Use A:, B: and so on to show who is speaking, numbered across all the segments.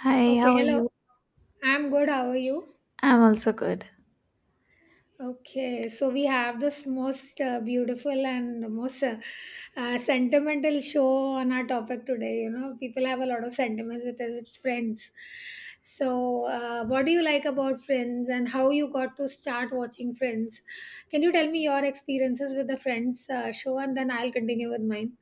A: Hi,
B: Okay,
A: how are
B: hello.
A: you?
B: I'm good. How are you?
A: I'm also good.
B: Okay, so we have this most beautiful and most sentimental show on our topic today. You know, people have a lot of sentiments with us. It's Friends. So, what do you like about Friends, and how you got to start watching Friends? Can you tell me your experiences with the Friends show, and then I'll continue with mine.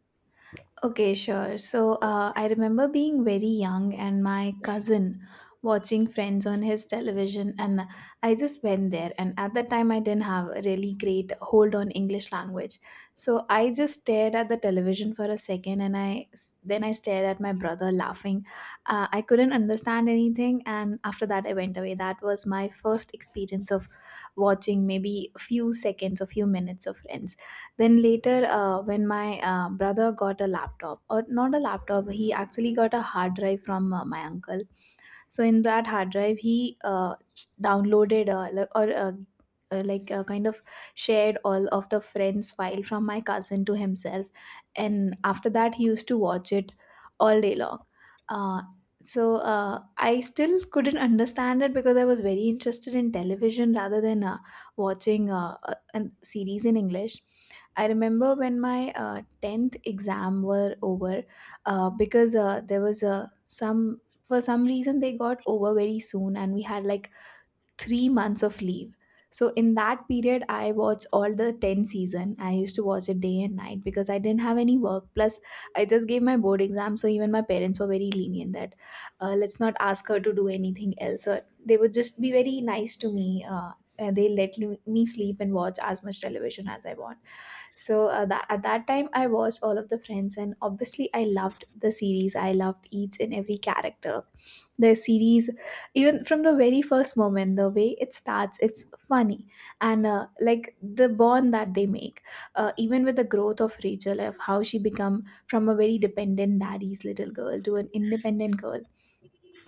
A: Okay, sure. So, I remember being very young and my cousin watching Friends on his television, and I just went there. And at that time, I didn't have a really great hold on English language, so I just stared at the television for a second, and I then I stared at my brother laughing. I couldn't understand anything, and after that, I went away. That was my first experience of watching maybe a few seconds, a few minutes of Friends. Then later, when my brother got a laptop, or not a laptop, he actually got a hard drive from my uncle. So in that hard drive he downloaded like- or like kind of shared all of the Friends file from my cousin to himself, and after that he used to watch it all day long. uh, so, I still couldn't understand it because I was very interested in television rather than watching a series in English. I remember when my 10th exam were over, because there was some for some reason they got over very soon, and we had like 3 months of leave. So in that period I watched all the 10 season. I used to watch it day and night because I didn't have any work, plus I just gave my board exam, so even my parents were very lenient that, let's not ask her to do anything else, or they would just be very nice to me. uh, and they let me sleep and watch as much television as I want. So at that time, I watched all of the Friends, and obviously, I loved the series. I loved each and every character, the series. Even from the very first moment, the way it starts, it's funny. And like the bond that they make, even with the growth of Rachel, of how she become from a very dependent daddy's little girl to an independent girl.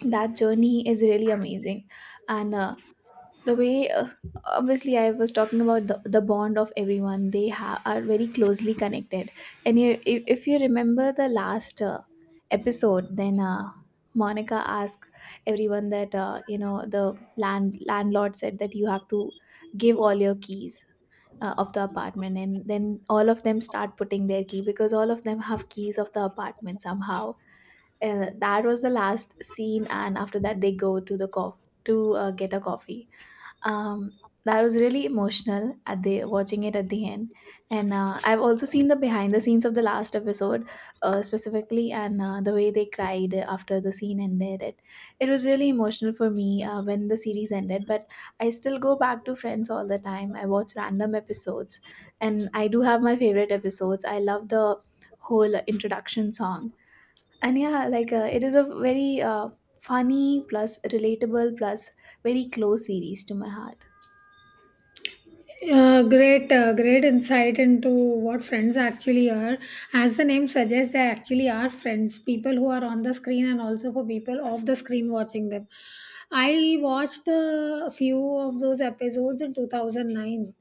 A: That journey is really amazing. And the way obviously I was talking about the bond of everyone. They are very closely connected. And you, if you remember the last episode, then Monica asked everyone that, the landlord said that you have to give all your keys of the apartment. And then all of them start putting their key, because all of them have keys of the apartment somehow. That was the last scene, and after that they go to the coffee to get a coffee. um that was really emotional, at the watching it at the end. And I've also seen the behind the scenes of the last episode specifically, and the way they cried after the scene ended, it was really emotional for me when the series ended. But I still go back to Friends all the time. I watch random episodes, and I do have my favorite episodes. I love the whole introduction song. And yeah, like it is a very funny plus relatable plus very close series to my heart.
B: Great, great insight into what friends actually are. As the name suggests, they actually are friends, people who are on the screen and also for people off the screen watching them. I watched a few of those episodes in 2009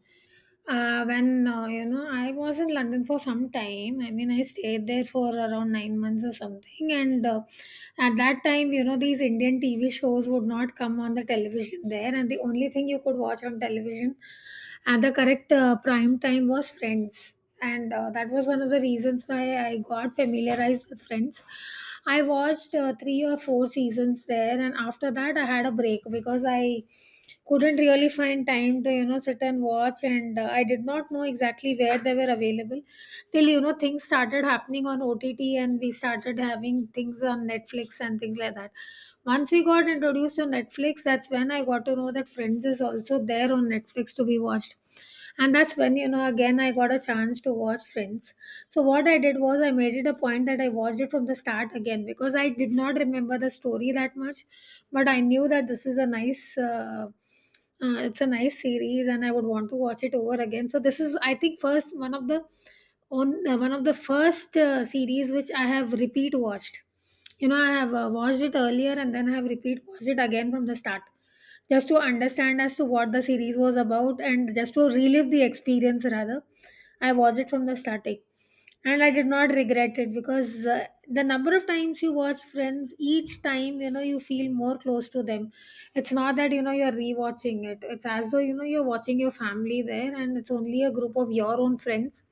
B: when you know, I was in London for some time. I mean, I stayed there for around 9 months or something. And at that time, you know, these Indian TV shows would not come on the television there, and the only thing you could watch on television at the correct prime time was Friends. And that was one of the reasons why I got familiarized with Friends. I watched three or four seasons there, and after that, I had a break because I couldn't really find time to, you know, sit and watch, and I did not know exactly where they were available till, you know, things started happening on OTT, and we started having things on Netflix and things like that. Once we got introduced to Netflix, that's when I got to know that Friends is also there on Netflix to be watched, and that's when, you know, again I got a chance to watch Friends. So what I did was I made it a point that I watched it from the start again because I did not remember the story that much, but I knew that this is a nice it's a nice series, and I would want to watch it over again. So this is, I think, first one of the, on one of the first series which I have repeat watched. You know, I have watched it earlier, and then I have repeat watched it again from the start just to understand as to what the series was about and just to relive the experience rather. I watched it from the starting, and I did not regret it because the number of times you watch Friends, each time, you know, you feel more close to them. It's not that, you know, you're rewatching it. It's as though, you know, you're watching your family there, and it's only a group of your own friends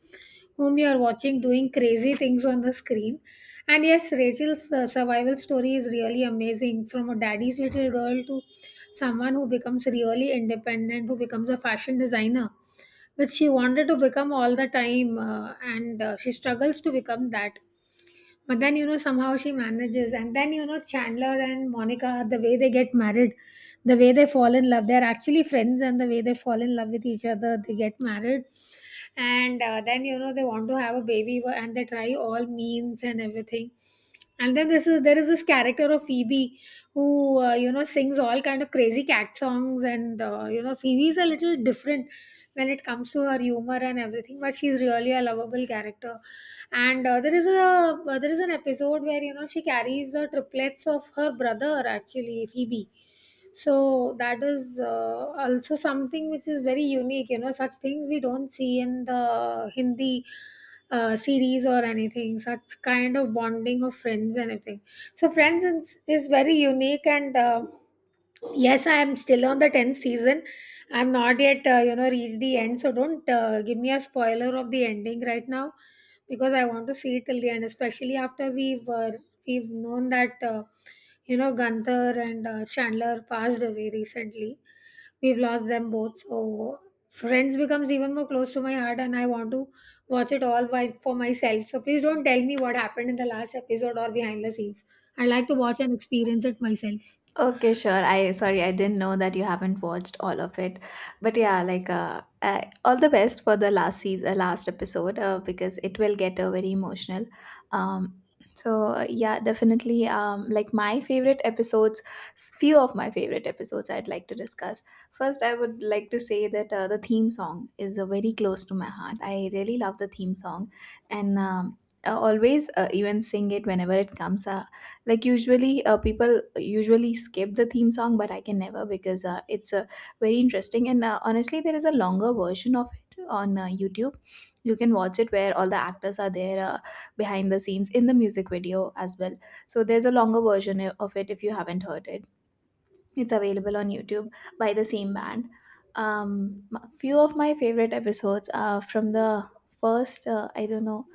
B: whom you are watching doing crazy things on the screen. And yes, Rachel's survival story is really amazing, from a daddy's little girl to someone who becomes really independent, who becomes a fashion designer, which she wanted to become all the time, and she struggles to become that. But then, you know, somehow she manages. And then, you know, Chandler and Monica, the way they get married, the way they fall in love, they're actually friends, and the way they fall in love with each other, they get married. And then, you know, they want to have a baby and they try all means and everything. And then this is, there is this character of Phoebe, who, you know, sings all kind of crazy cat songs, and, you know, Phoebe is a little different when it comes to her humor and everything, but she's really a lovable character. And there is an episode where, you know, she carries the triplets of her brother, actually Phoebe. So that is, also something which is very unique. You know, such things we don't see in the Hindi series or anything, such kind of bonding of friends and everything. So Friends is very unique, and yes, I am still on the 10th season. I'm not yet you know, reached the end, so don't give me a spoiler of the ending right now, because I want to see it till the end, especially after we've known that you know, Gunther and Chandler passed away recently. We've lost them both, so Friends becomes even more close to my heart, and I want to watch it all by for myself. So please don't tell me what happened in the last episode or behind the scenes. I like to watch and experience it myself.
A: Okay, sure. I sorry, I didn't know that you haven't watched all of it, but yeah, like all the best for the last season, last episode, because it will get very emotional. Um, so yeah, definitely. Like my favorite episodes, few of my favorite episodes, I'd like to discuss. First, I would like to say that the theme song is very close to my heart. I really love the theme song, and I always even sing it whenever it comes. Like usually people usually skip the theme song, but I can never, because it's very interesting. And honestly, there is a longer version of it on YouTube. You can watch it where all the actors are there behind the scenes in the music video as well. So there's a longer version of it, if you haven't heard it. It's available on YouTube by the same band. Few of my favorite episodes are from the first, I don't know,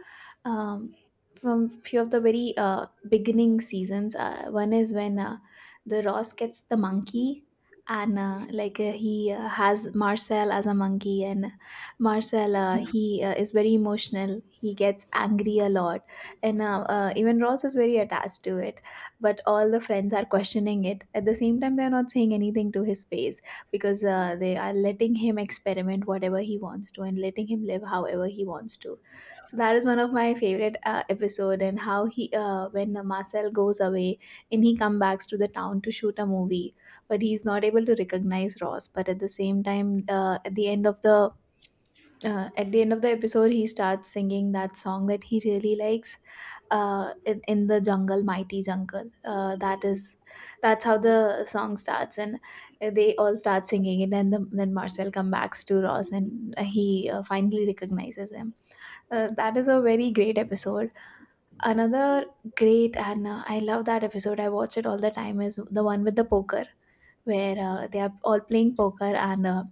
A: um, from few of the very beginning seasons. One is when the Ross gets the monkey, and like he has Marcel as a monkey, and Marcel he is very emotional. He gets angry a lot, and even Ross is very attached to it. But all the friends are questioning it. At the same time, they are not saying anything to his face, because they are letting him experiment whatever he wants to, and letting him live however he wants to. So that is one of my favorite episode. And how he when Marcel goes away and he comes back to the town to shoot a movie, but he's not able to recognize Ross. But at the same time, at the end of the episode, he starts singing that song that he really likes, in the jungle, mighty jungle. That's how the song starts, and they all start singing it, and then Marcel comes back to Ross, and he finally recognizes him. That is a very great episode. Another great, and I love that episode. I watch it all the time. Is the one with the poker, where they are all playing poker, and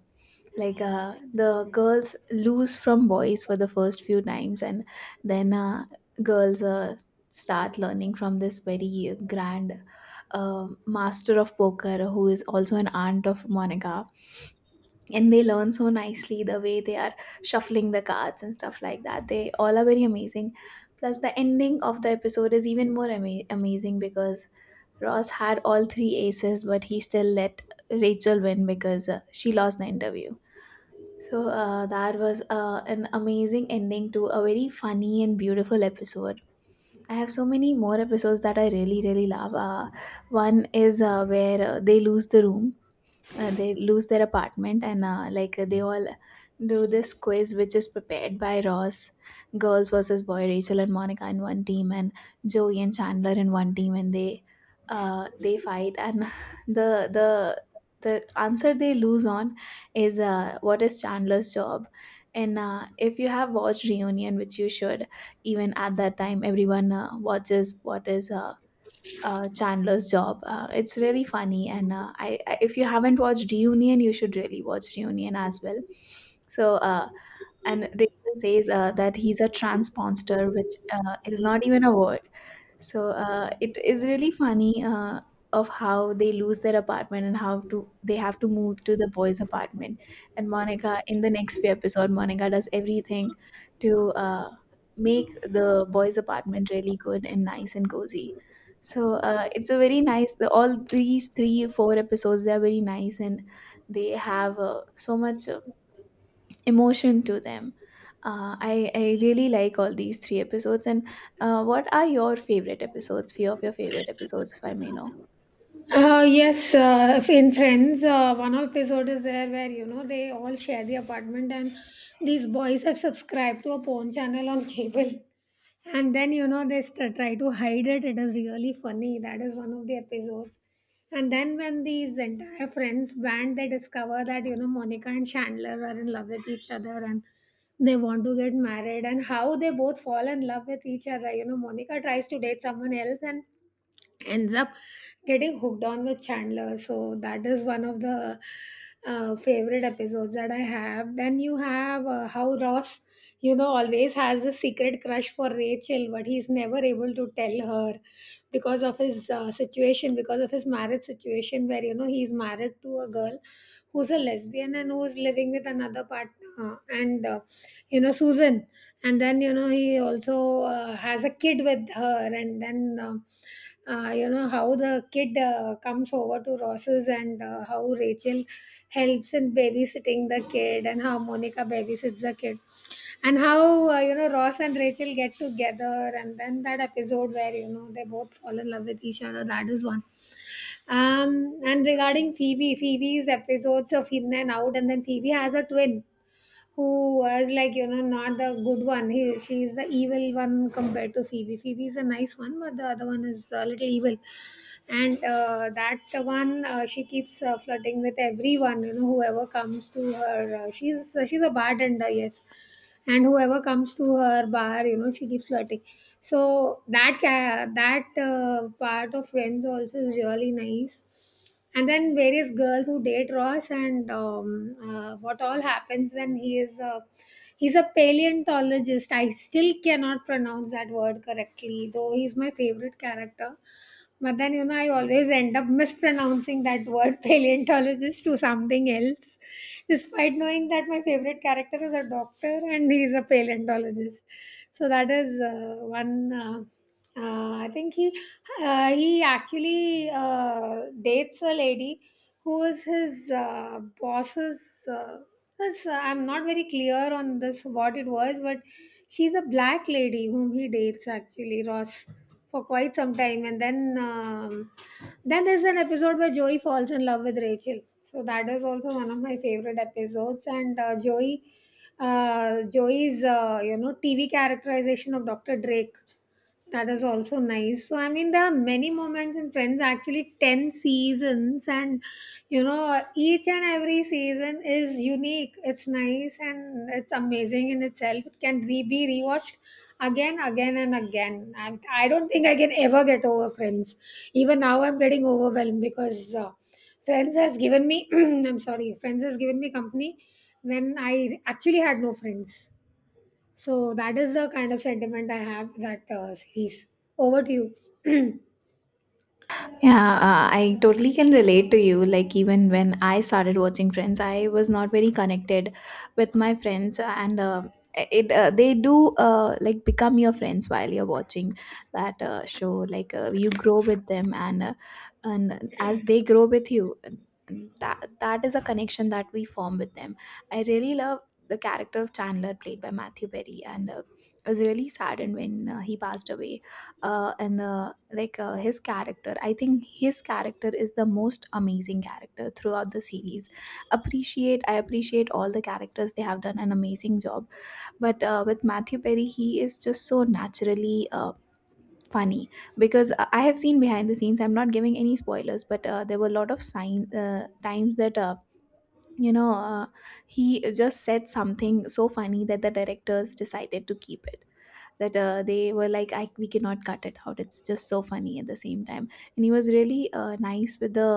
A: like the girls lose from boys for the first few times, and then girls start learning from this very grand master of poker, who is also an aunt of Monica. And they learn so nicely, the way they are shuffling the cards and stuff like that, they all are very amazing. Plus the ending of the episode is even more amazing, because Ross had all three aces, but he still let Rachel win because she lost the interview. So that was an amazing ending to a very funny and beautiful episode. I have so many more episodes that I really really love. One is where they lose the room, they lose their apartment, and like they all do this quiz which is prepared by Ross. Girls versus boy, Rachel and Monica in one team, and Joey and Chandler in one team, and they fight. And the the answer they lose on is what is Chandler's job. And if you have watched Reunion, which you should, even at that time everyone watches what is Chandler's job. It's really funny, and I if you haven't watched Reunion, you should really watch Reunion as well. So, and Rachel says that he's a transponster, which is not even a word. So it is really funny of how they lose their apartment and how to they have to move to the boys' apartment. And Monica, in the next few episode, Monica does everything to make the boys' apartment really good and nice and cozy. So it's a very nice. The, all these three, four episodes, they are very nice, and they have so much emotion to them. I really like all these three episodes. And what are your favorite episodes? Few of your favorite episodes, if I may know.
B: Yes, if in Friends, one episode is there where, you know, they all share the apartment, and these boys have subscribed to a porn channel on cable, and then, you know, they try to hide it. It is really funny. That is one of the episodes. And then when these entire friends band, they discover that, you know, Monica and Chandler are in love with each other, and they want to get married, and how they both fall in love with each other. You know, Monica tries to date someone else, and ends up getting hooked on with Chandler. So that is one of the favorite episodes that I have. Then you have how Ross, you know, always has a secret crush for Rachel, but he's never able to tell her because of his situation, because of his marriage situation, where, you know, he's married to a girl who's a lesbian and who's living with another partner, and you know, Susan. And then, you know, he also has a kid with her, and then you know, how the kid comes over to Ross's, and how Rachel helps in babysitting the kid, and how Monica babysits the kid, and how, you know, Ross and Rachel get together, and then that episode where, you know, they both fall in love with each other, that is one. And regarding Phoebe, Phoebe's episodes of in and out, and then Phoebe has a twin who was, like, you know, not the good one. He, she is the evil one compared to Phoebe. Phoebe is a nice one, but the other one is a little evil. And that one, she keeps flirting with everyone, you know, whoever comes to her. She's a bartender, yes, and whoever comes to her bar, you know, she keeps flirting. So that that part of Friends also is really nice. And then various girls who date Ross, and what all happens when he's a paleontologist. I still cannot pronounce that word correctly, though he's my favorite character. But then, you know, I always end up mispronouncing that word paleontologist to something else, despite knowing that my favorite character is a doctor and he's a paleontologist. So that is one. I think he actually dates a lady who is his boss's. Uh, this- I'm not very clear on this what it was, but she's a black lady whom he dates, actually Ross, for quite some time, and then, then there's an episode where Joey falls in love with Rachel. So that is also one of my favorite episodes, and Joey's you know, TV characterization of Dr. Drake, that is also nice. So, I mean, there are many moments in Friends, actually 10 seasons, and you know, each and every season is unique. It's nice and it's amazing in itself. It can be rewatched again, again, and again. I don't think I can ever get over Friends. Even now, I'm getting overwhelmed because Friends has given me, I'm sorry, Friends has given me company when I actually had no friends. So that is the kind of sentiment I have with that series. Over to you.
A: Yeah, I totally can relate to you. Like, even when I started watching Friends, I was not very connected with my friends. And it they do like become your friends while you're watching that show. Like, you grow with them, and as they grow with you, and that is a connection that we form with them. I really love the character of Chandler played by Matthew Perry, and I was really saddened when he passed away and like his character. I think his character is the most amazing character throughout the series appreciate I appreciate all the characters. They have done an amazing job, but with Matthew Perry he is just so naturally funny because I have seen behind the scenes. I'm not giving any spoilers, but there were a lot of sign times that you know uh, he just said something so funny that the directors decided to keep it, that they were like, we cannot cut it out, it's just so funny at the same time. And he was really nice with the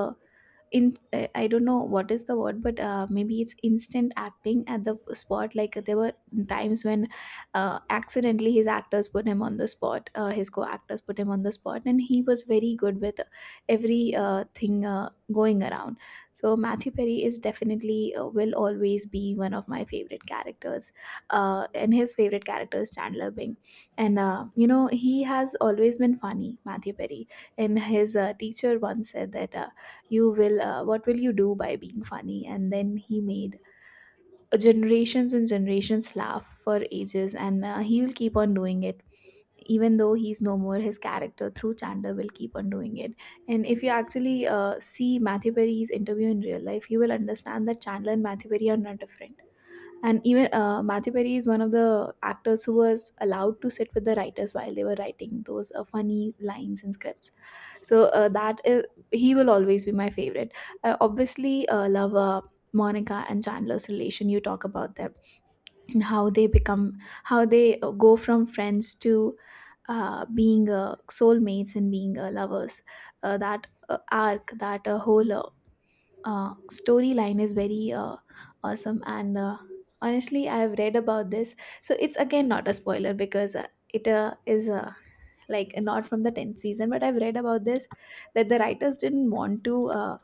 A: in I don't know what is the word, but maybe it's instant acting at the spot. Like, there were times when accidentally his co-actors put him on the spot, and he was very good with every thing going around. So Matthew Perry is definitely will always be one of my favorite characters, and his favorite character is Chandler Bing. And you know, he has always been funny, Matthew Perry. And his teacher once said that you will what will you do by being funny, and then he made generations and generations laugh for ages, and he will keep on doing it. Even though he's no more, his character through Chandler will keep on doing it. And if you actually see Matthew Perry's interview in real life, you will understand that Chandler and Matthew Perry are not different. And even Matthew Perry is one of the actors who was allowed to sit with the writers while they were writing those funny lines and scripts. So that is, he will always be my favorite. I obviously love Monica and Chandler's relation. You talk about them, and how they become, how they go from friends to being soulmates and being lovers. That arc, that whole storyline is very awesome, and honestly I have read about this, so it's again not a spoiler because it is like not from the 10th season, but I've read about this, that the writers didn't want to uh,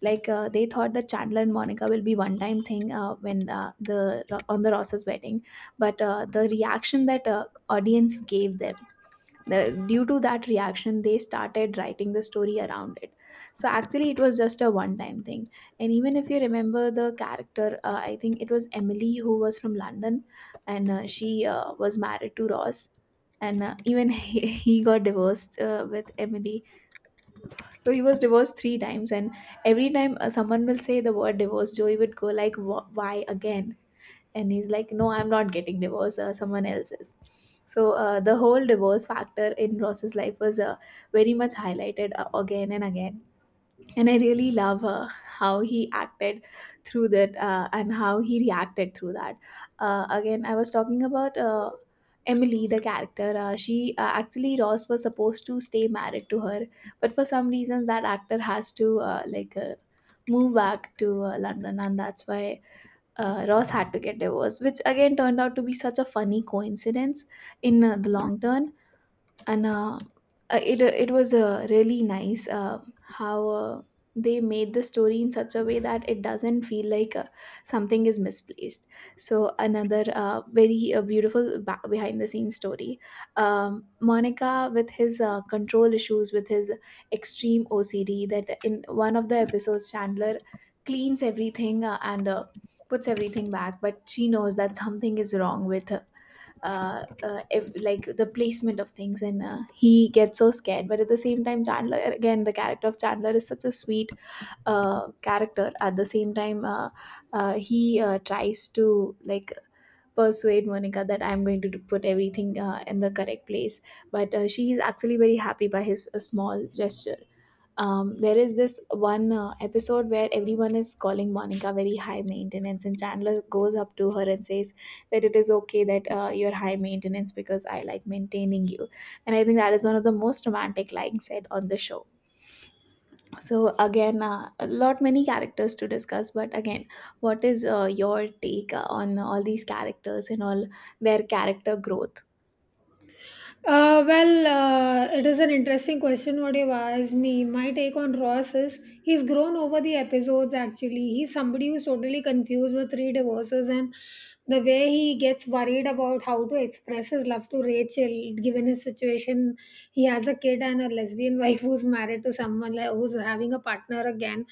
A: like uh, they thought that Chandler and Monica will be one time thing when the on the Ross's wedding. But the reaction that audience gave them, due to that reaction they started writing the story around it. So actually it was just a one time thing. And even if you remember the character, I think it was Emily who was from London, and she was married to Ross, and even he got divorced with Emily. So he was divorced three times, and every time someone will say the word divorce, Joey would go like, "Wh- why again?" And he's like, no, I'm not getting divorced, someone else is. So the whole divorce factor in Ross's life was very much highlighted again and again. And I really love how he acted through that, and how he reacted through that. Again, I was talking about Emily, the character. She actually, Ross was supposed to stay married to her, but for some reason that actor has to move back to London, and that's why Ross had to get divorced, which again turned out to be such a funny coincidence in the long term. And it was really nice how they made the story in such a way that it doesn't feel like something is misplaced. So another very beautiful behind the scenes story. Monica with his control issues, with his extreme OCD, that in one of the episodes Chandler cleans everything and puts everything back, but she knows that something is wrong with like the placement of things, and he gets so scared. But at the same time Chandler, again the character of Chandler is such a sweet character. At the same time he tries to like persuade Monica that I'm going to put everything in the correct place, but she is actually very happy by his small gesture. Um, there is this one episode where everyone is calling Monica very high maintenance, and Chandler goes up to her and says that it is okay that you're high maintenance because I like maintaining you. And I think that is one of the most romantic lines said on the show. So again, a lot many characters to discuss, but again, what is your take on all these characters and all their character growth?
B: Well, it is an interesting question what you've asked me. My take on Ross is he's grown over the episodes actually. He's somebody who's totally confused with three divorces and the way he gets worried about how to express his love to Rachel. Given his situation, he has a kid and a lesbian wife who's married to someone, like, who's having a partner again.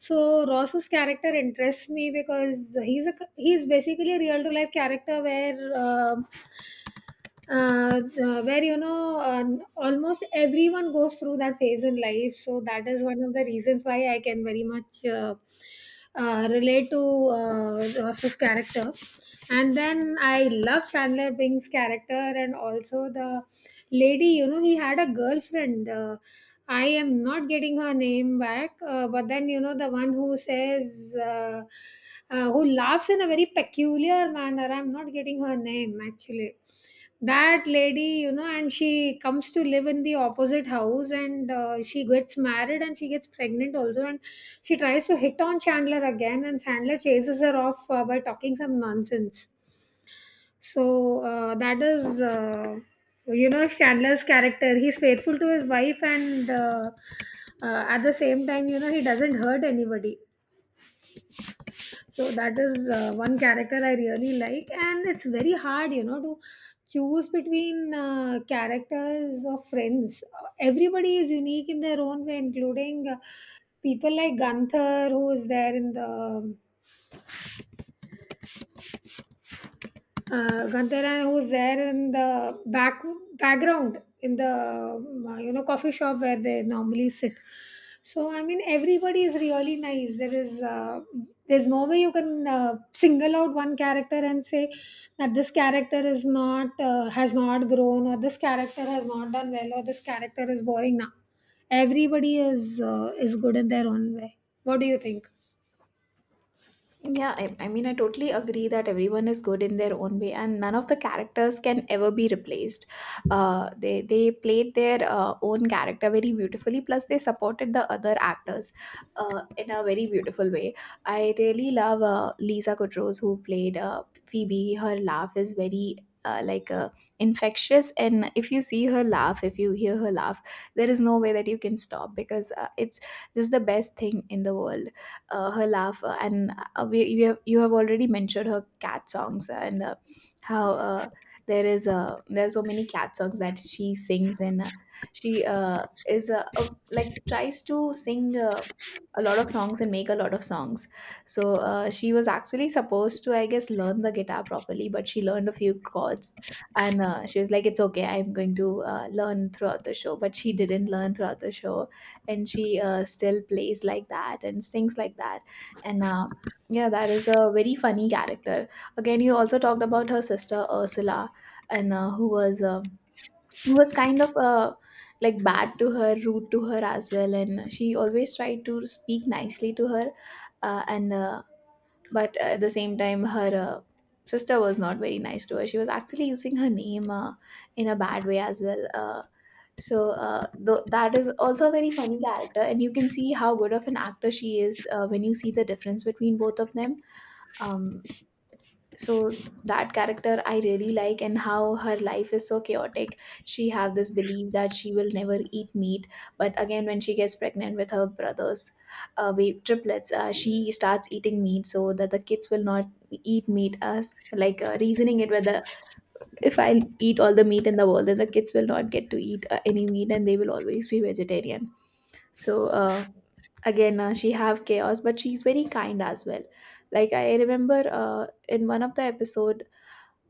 B: So Ross's character interests me because he's basically a real to life character where. um where almost everyone goes through that phase in life, so that is one of the reasons why I can very much relate to Ross's character. And then I love Chandler Bing's character, and also the lady, you know, he had a girlfriend, I am not getting her name back, but then, you know, the one who says who laughs in a very peculiar manner, I'm not getting her name actually, that lady, you know, and she comes to live in the opposite house, and she gets married and she gets pregnant also, and she tries to hit on Chandler again, and Chandler chases her off by talking some nonsense. So that is You know, Chandler's character, he's faithful to his wife, and at the same time, you know, he doesn't hurt anybody. So that is one character I really like, and it's very hard, you know, to choose between characters of Friends. Everybody is unique in their own way, including people like Gunther, who is there in the Gandharan, who's there in the background in the you know, coffee shop where they normally sit. So I mean, everybody is really nice. There is there's no way you can single out one character and say that this character is not has not grown, or this character has not done well, or this character is boring now. Everybody is good in their own way. What do you think?
A: Yeah, I mean, I totally agree that everyone is good in their own way, and none of the characters can ever be replaced. They played their own character very beautifully. Plus, they supported the other actors in a very beautiful way. I really love Lisa Kudrow's who played Phoebe. Her laugh is very uh, like uh, infectious, and if you see her laugh, if you hear her laugh, there is no way that you can stop because it's just the best thing in the world, her laugh, and you have already mentioned her cat songs, and how there is there are so many cat songs that she sings. And she is like tries to sing a lot of songs and make a lot of songs. So she was actually supposed to, I guess, learn the guitar properly, but she learned a few chords. And she was like, it's okay, I'm going to learn throughout the show, but she didn't learn throughout the show. And she still plays like that and sings like that. And Yeah, that is a very funny character. Again, you also talked about her sister ursula and who was kind of like bad to her, rude to her as well, and she always tried to speak nicely to her and but at the same time her sister was not very nice to her. She was actually using her name in a bad way as well. So that is also a very funny character, and you can see how good of an actor she is when you see the difference between both of them. um, so that character I really like, and how her life is so chaotic. She have this belief that she will never eat meat, but again when she gets pregnant with her brothers we triplets, she starts eating meat so that the kids will not eat meat. As like reasoning it, whether if I eat all the meat in the world, then the kids will not get to eat any meat, and they will always be vegetarian. So again, she have chaos, but she's very kind as well. Like, I remember in one of the episode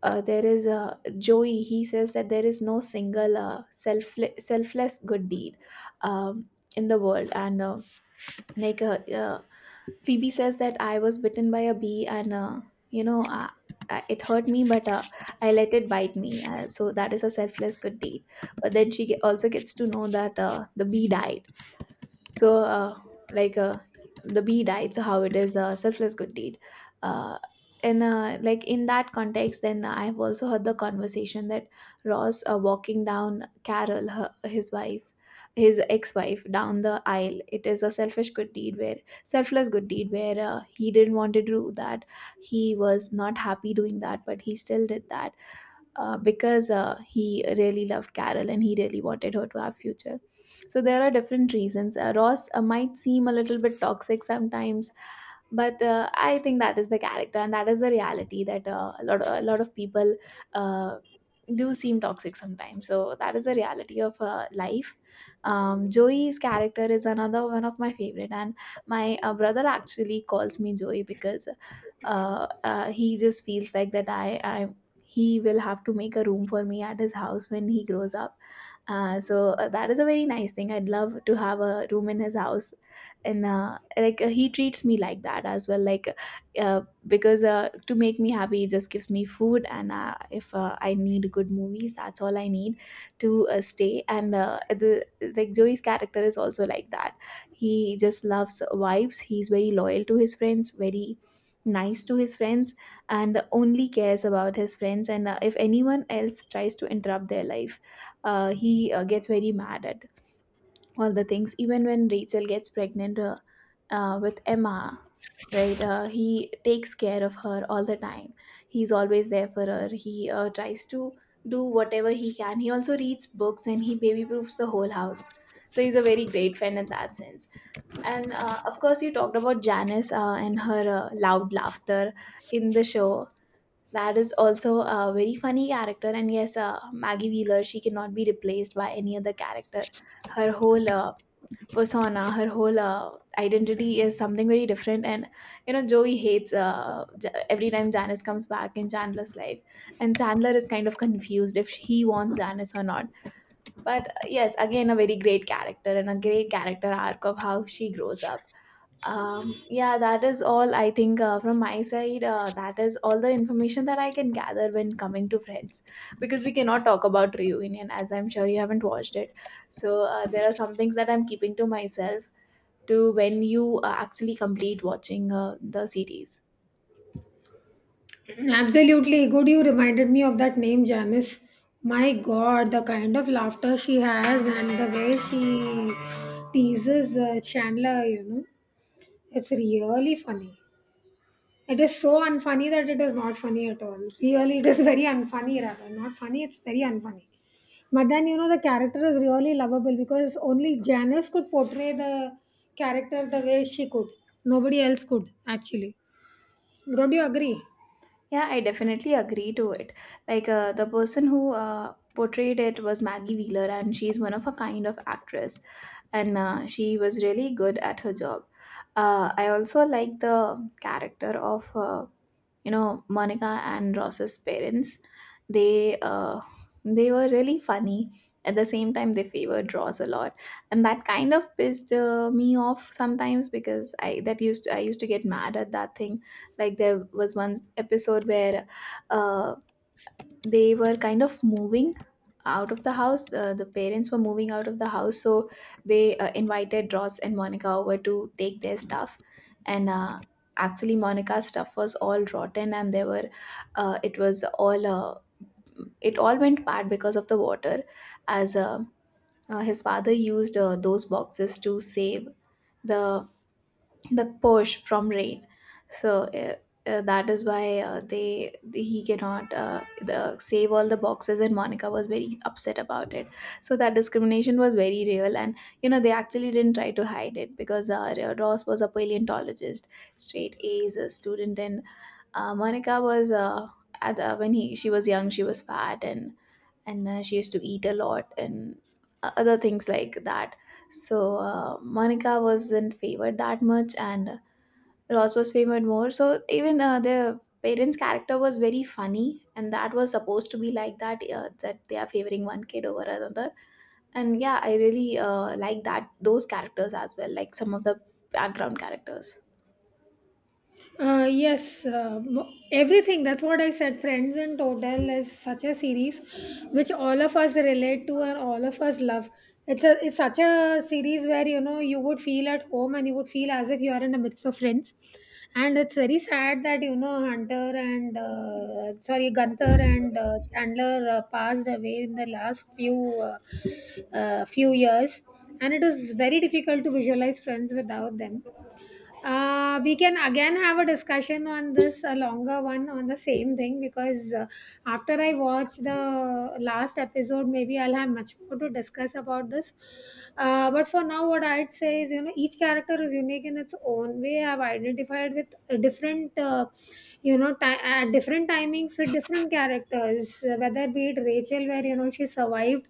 A: uh, there is a Joey. He says that there is no single selfless good deed um, in the world. And like uh, uh, Phoebe says that I was bitten by a bee, and you know. It hurt me, but I let it bite me. So that is a selfless good deed. But then she also gets to know that the bee died. So like uh, the bee died, so how it is a selfless good deed? Uh, and Like, in that context, then I've also heard the conversation that Ross walking down Carol his wife, his ex-wife, down the aisle, it is a selfish good deed where selfless good deed, where he didn't want to do that. He was not happy doing that, but he still did that, because he really loved Carol and he really wanted her to have future. So there are different reasons. Ross might seem a little bit toxic sometimes, but I think that is the character, and that is the reality that a lot of people uh, do seem toxic sometimes. So that is the reality of life. Joey's character is another one of my favorite, and my brother actually calls me Joey because he just feels like that I I'm he will have to make a room for me at his house when he grows up. So that is a very nice thing. I'd love to have a room in his house, and he treats me like that as well. Like, because to make me happy, he just gives me food, and if I need good movies, that's all I need to stay. And the like Joey's character is also like that. He just loves vibes. He's very loyal to his friends. Very nice to his friends and only cares about his friends, and if anyone else tries to interrupt their life, he gets very mad at all the things. Even when rachel gets pregnant with emma, right he takes care of her all the time. He's always there for her. He tries to do whatever he can. He also reads books and he baby proofs the whole house, so he's a very great friend in that sense. And of course, you talked about janice and her loud laughter in the show. That is also a very funny character, and yes, maggie wheeler, she cannot be replaced by any other character. Her whole persona, her whole identity is something very different. And you know, joey hates every time janice comes back in chandler's life, and chandler is kind of confused if he wants janice or not. But yes, again, a very great character and a great character arc of how she grows up. Yeah, that is all I think from my side. That is all the information that I can gather when coming to Friends, because we cannot talk about Reunion, as I'm sure you haven't watched it. So, there are some things that I'm keeping to myself to when you actually complete watching the series.
B: Absolutely. Good, you reminded me of that name, Janice. My God, the kind of laughter she has, and the way she teases Chandler, you know, it's really funny. It is so unfunny that it is not funny at all. Really, it is very unfunny rather. Not funny, it's very unfunny. But then, you know, the character is really lovable, because only Janice could portray the character the way she could. Nobody else could, actually. Don't you agree?
A: Yeah, I definitely agree to it. The person who portrayed it was Maggie Wheeler, and she's one of a kind of actress, and she was really good at her job. I also like the character of you know, Monica and Ross's parents. They uh, they were really funny. At the same time, they favored Ross a lot, and that kind of pissed me off sometimes, because I used to get mad at that thing. Like, there was one episode where uh, they were kind of moving out of the house. The parents were moving out of the house, so they invited Ross and Monica over to take their stuff. And Actually, Monica's stuff was all rotten, and there were, it was all, it all went bad because of the water, as his father used those boxes to save the the push from rain. So that is why they he cannot the, save all the boxes, and monica was very upset about it. So that discrimination was very real, and you know, they actually didn't try to hide it, because ross was a paleontologist, straight a's a student, and monica was at, when he she was young, she was fat, and she used to eat a lot, and other things like that. So monica wasn't favored that much, and Ross was favored more. So even the parents' character was very funny, and that was supposed to be like that, that they are favoring one kid over another. And yeah, I really like that, those characters as well, like some of the background characters.
B: Yes, everything. That's what I said. Friends in total is such a series which all of us relate to and all of us love. It's such a series where, you know, you would feel at home, and you would feel as if you are in the midst of Friends. And it's very sad that, you know, Hunter and sorry Gunther and Chandler passed away in the last few years, and it is very difficult to visualize Friends without them. We can again have a discussion on this, a longer one on the same thing, because after I watch the last episode, maybe I'll have much more to discuss about this. But for now, what I'd say is, you know, each character is unique in its own way. I've identified with a different, you know, ti at different timings with different characters, whether be it Rachel, where, you know, she survived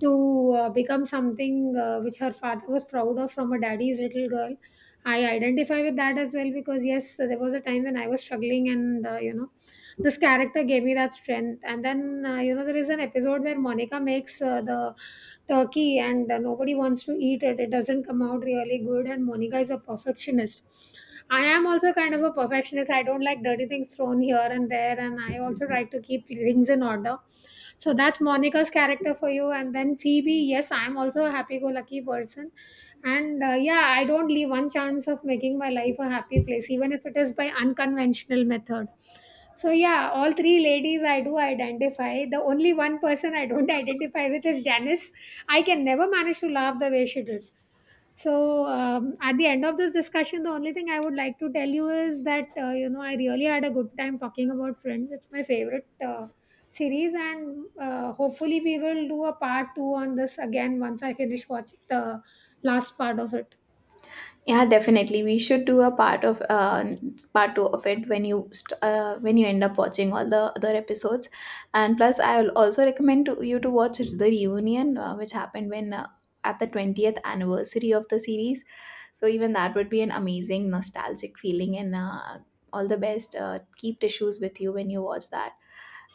B: to become something which her father was proud of, from a daddy's little girl. I identify with that as well, because yes, there was a time when I was struggling, and you know, this character gave me that strength. And then you know, there is an episode where Monica makes the turkey, and nobody wants to eat it. It doesn't come out really good, and Monica is a perfectionist. I am also kind of a perfectionist. I don't like dirty things thrown here and there, and I also try to keep things in order. So that's Monica's character for you. And then Phoebe, yes, I'm also a happy go lucky person, and yeah, I don't leave one chance of making my life a happy place, even if it is by unconventional method. So yeah, all three ladies I do identify. The only one person I don't identify with is Janice. I can never manage to laugh the way she did. So at the end of this discussion, the only thing I would like to tell you is that you know, I really had a good time talking about Friends. It's my favorite series, and hopefully we will do a part two on this again once I finish watching the last part of it.
A: Yeah, definitely. We should do a part two of it when you when you end up watching all the other episodes. And plus, I will also recommend to you to watch the reunion, which happened when at the 20th anniversary of the series. So even that would be an amazing nostalgic feeling. And All the best. Keep tissues with you when you watch that.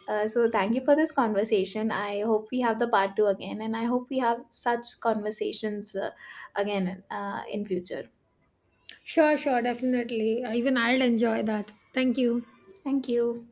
A: So, thank you for this conversation. I hope we have the part two again, and I hope we have such conversations again in future.
B: Sure, sure, definitely. Even I'll enjoy that. Thank you.
A: Thank you.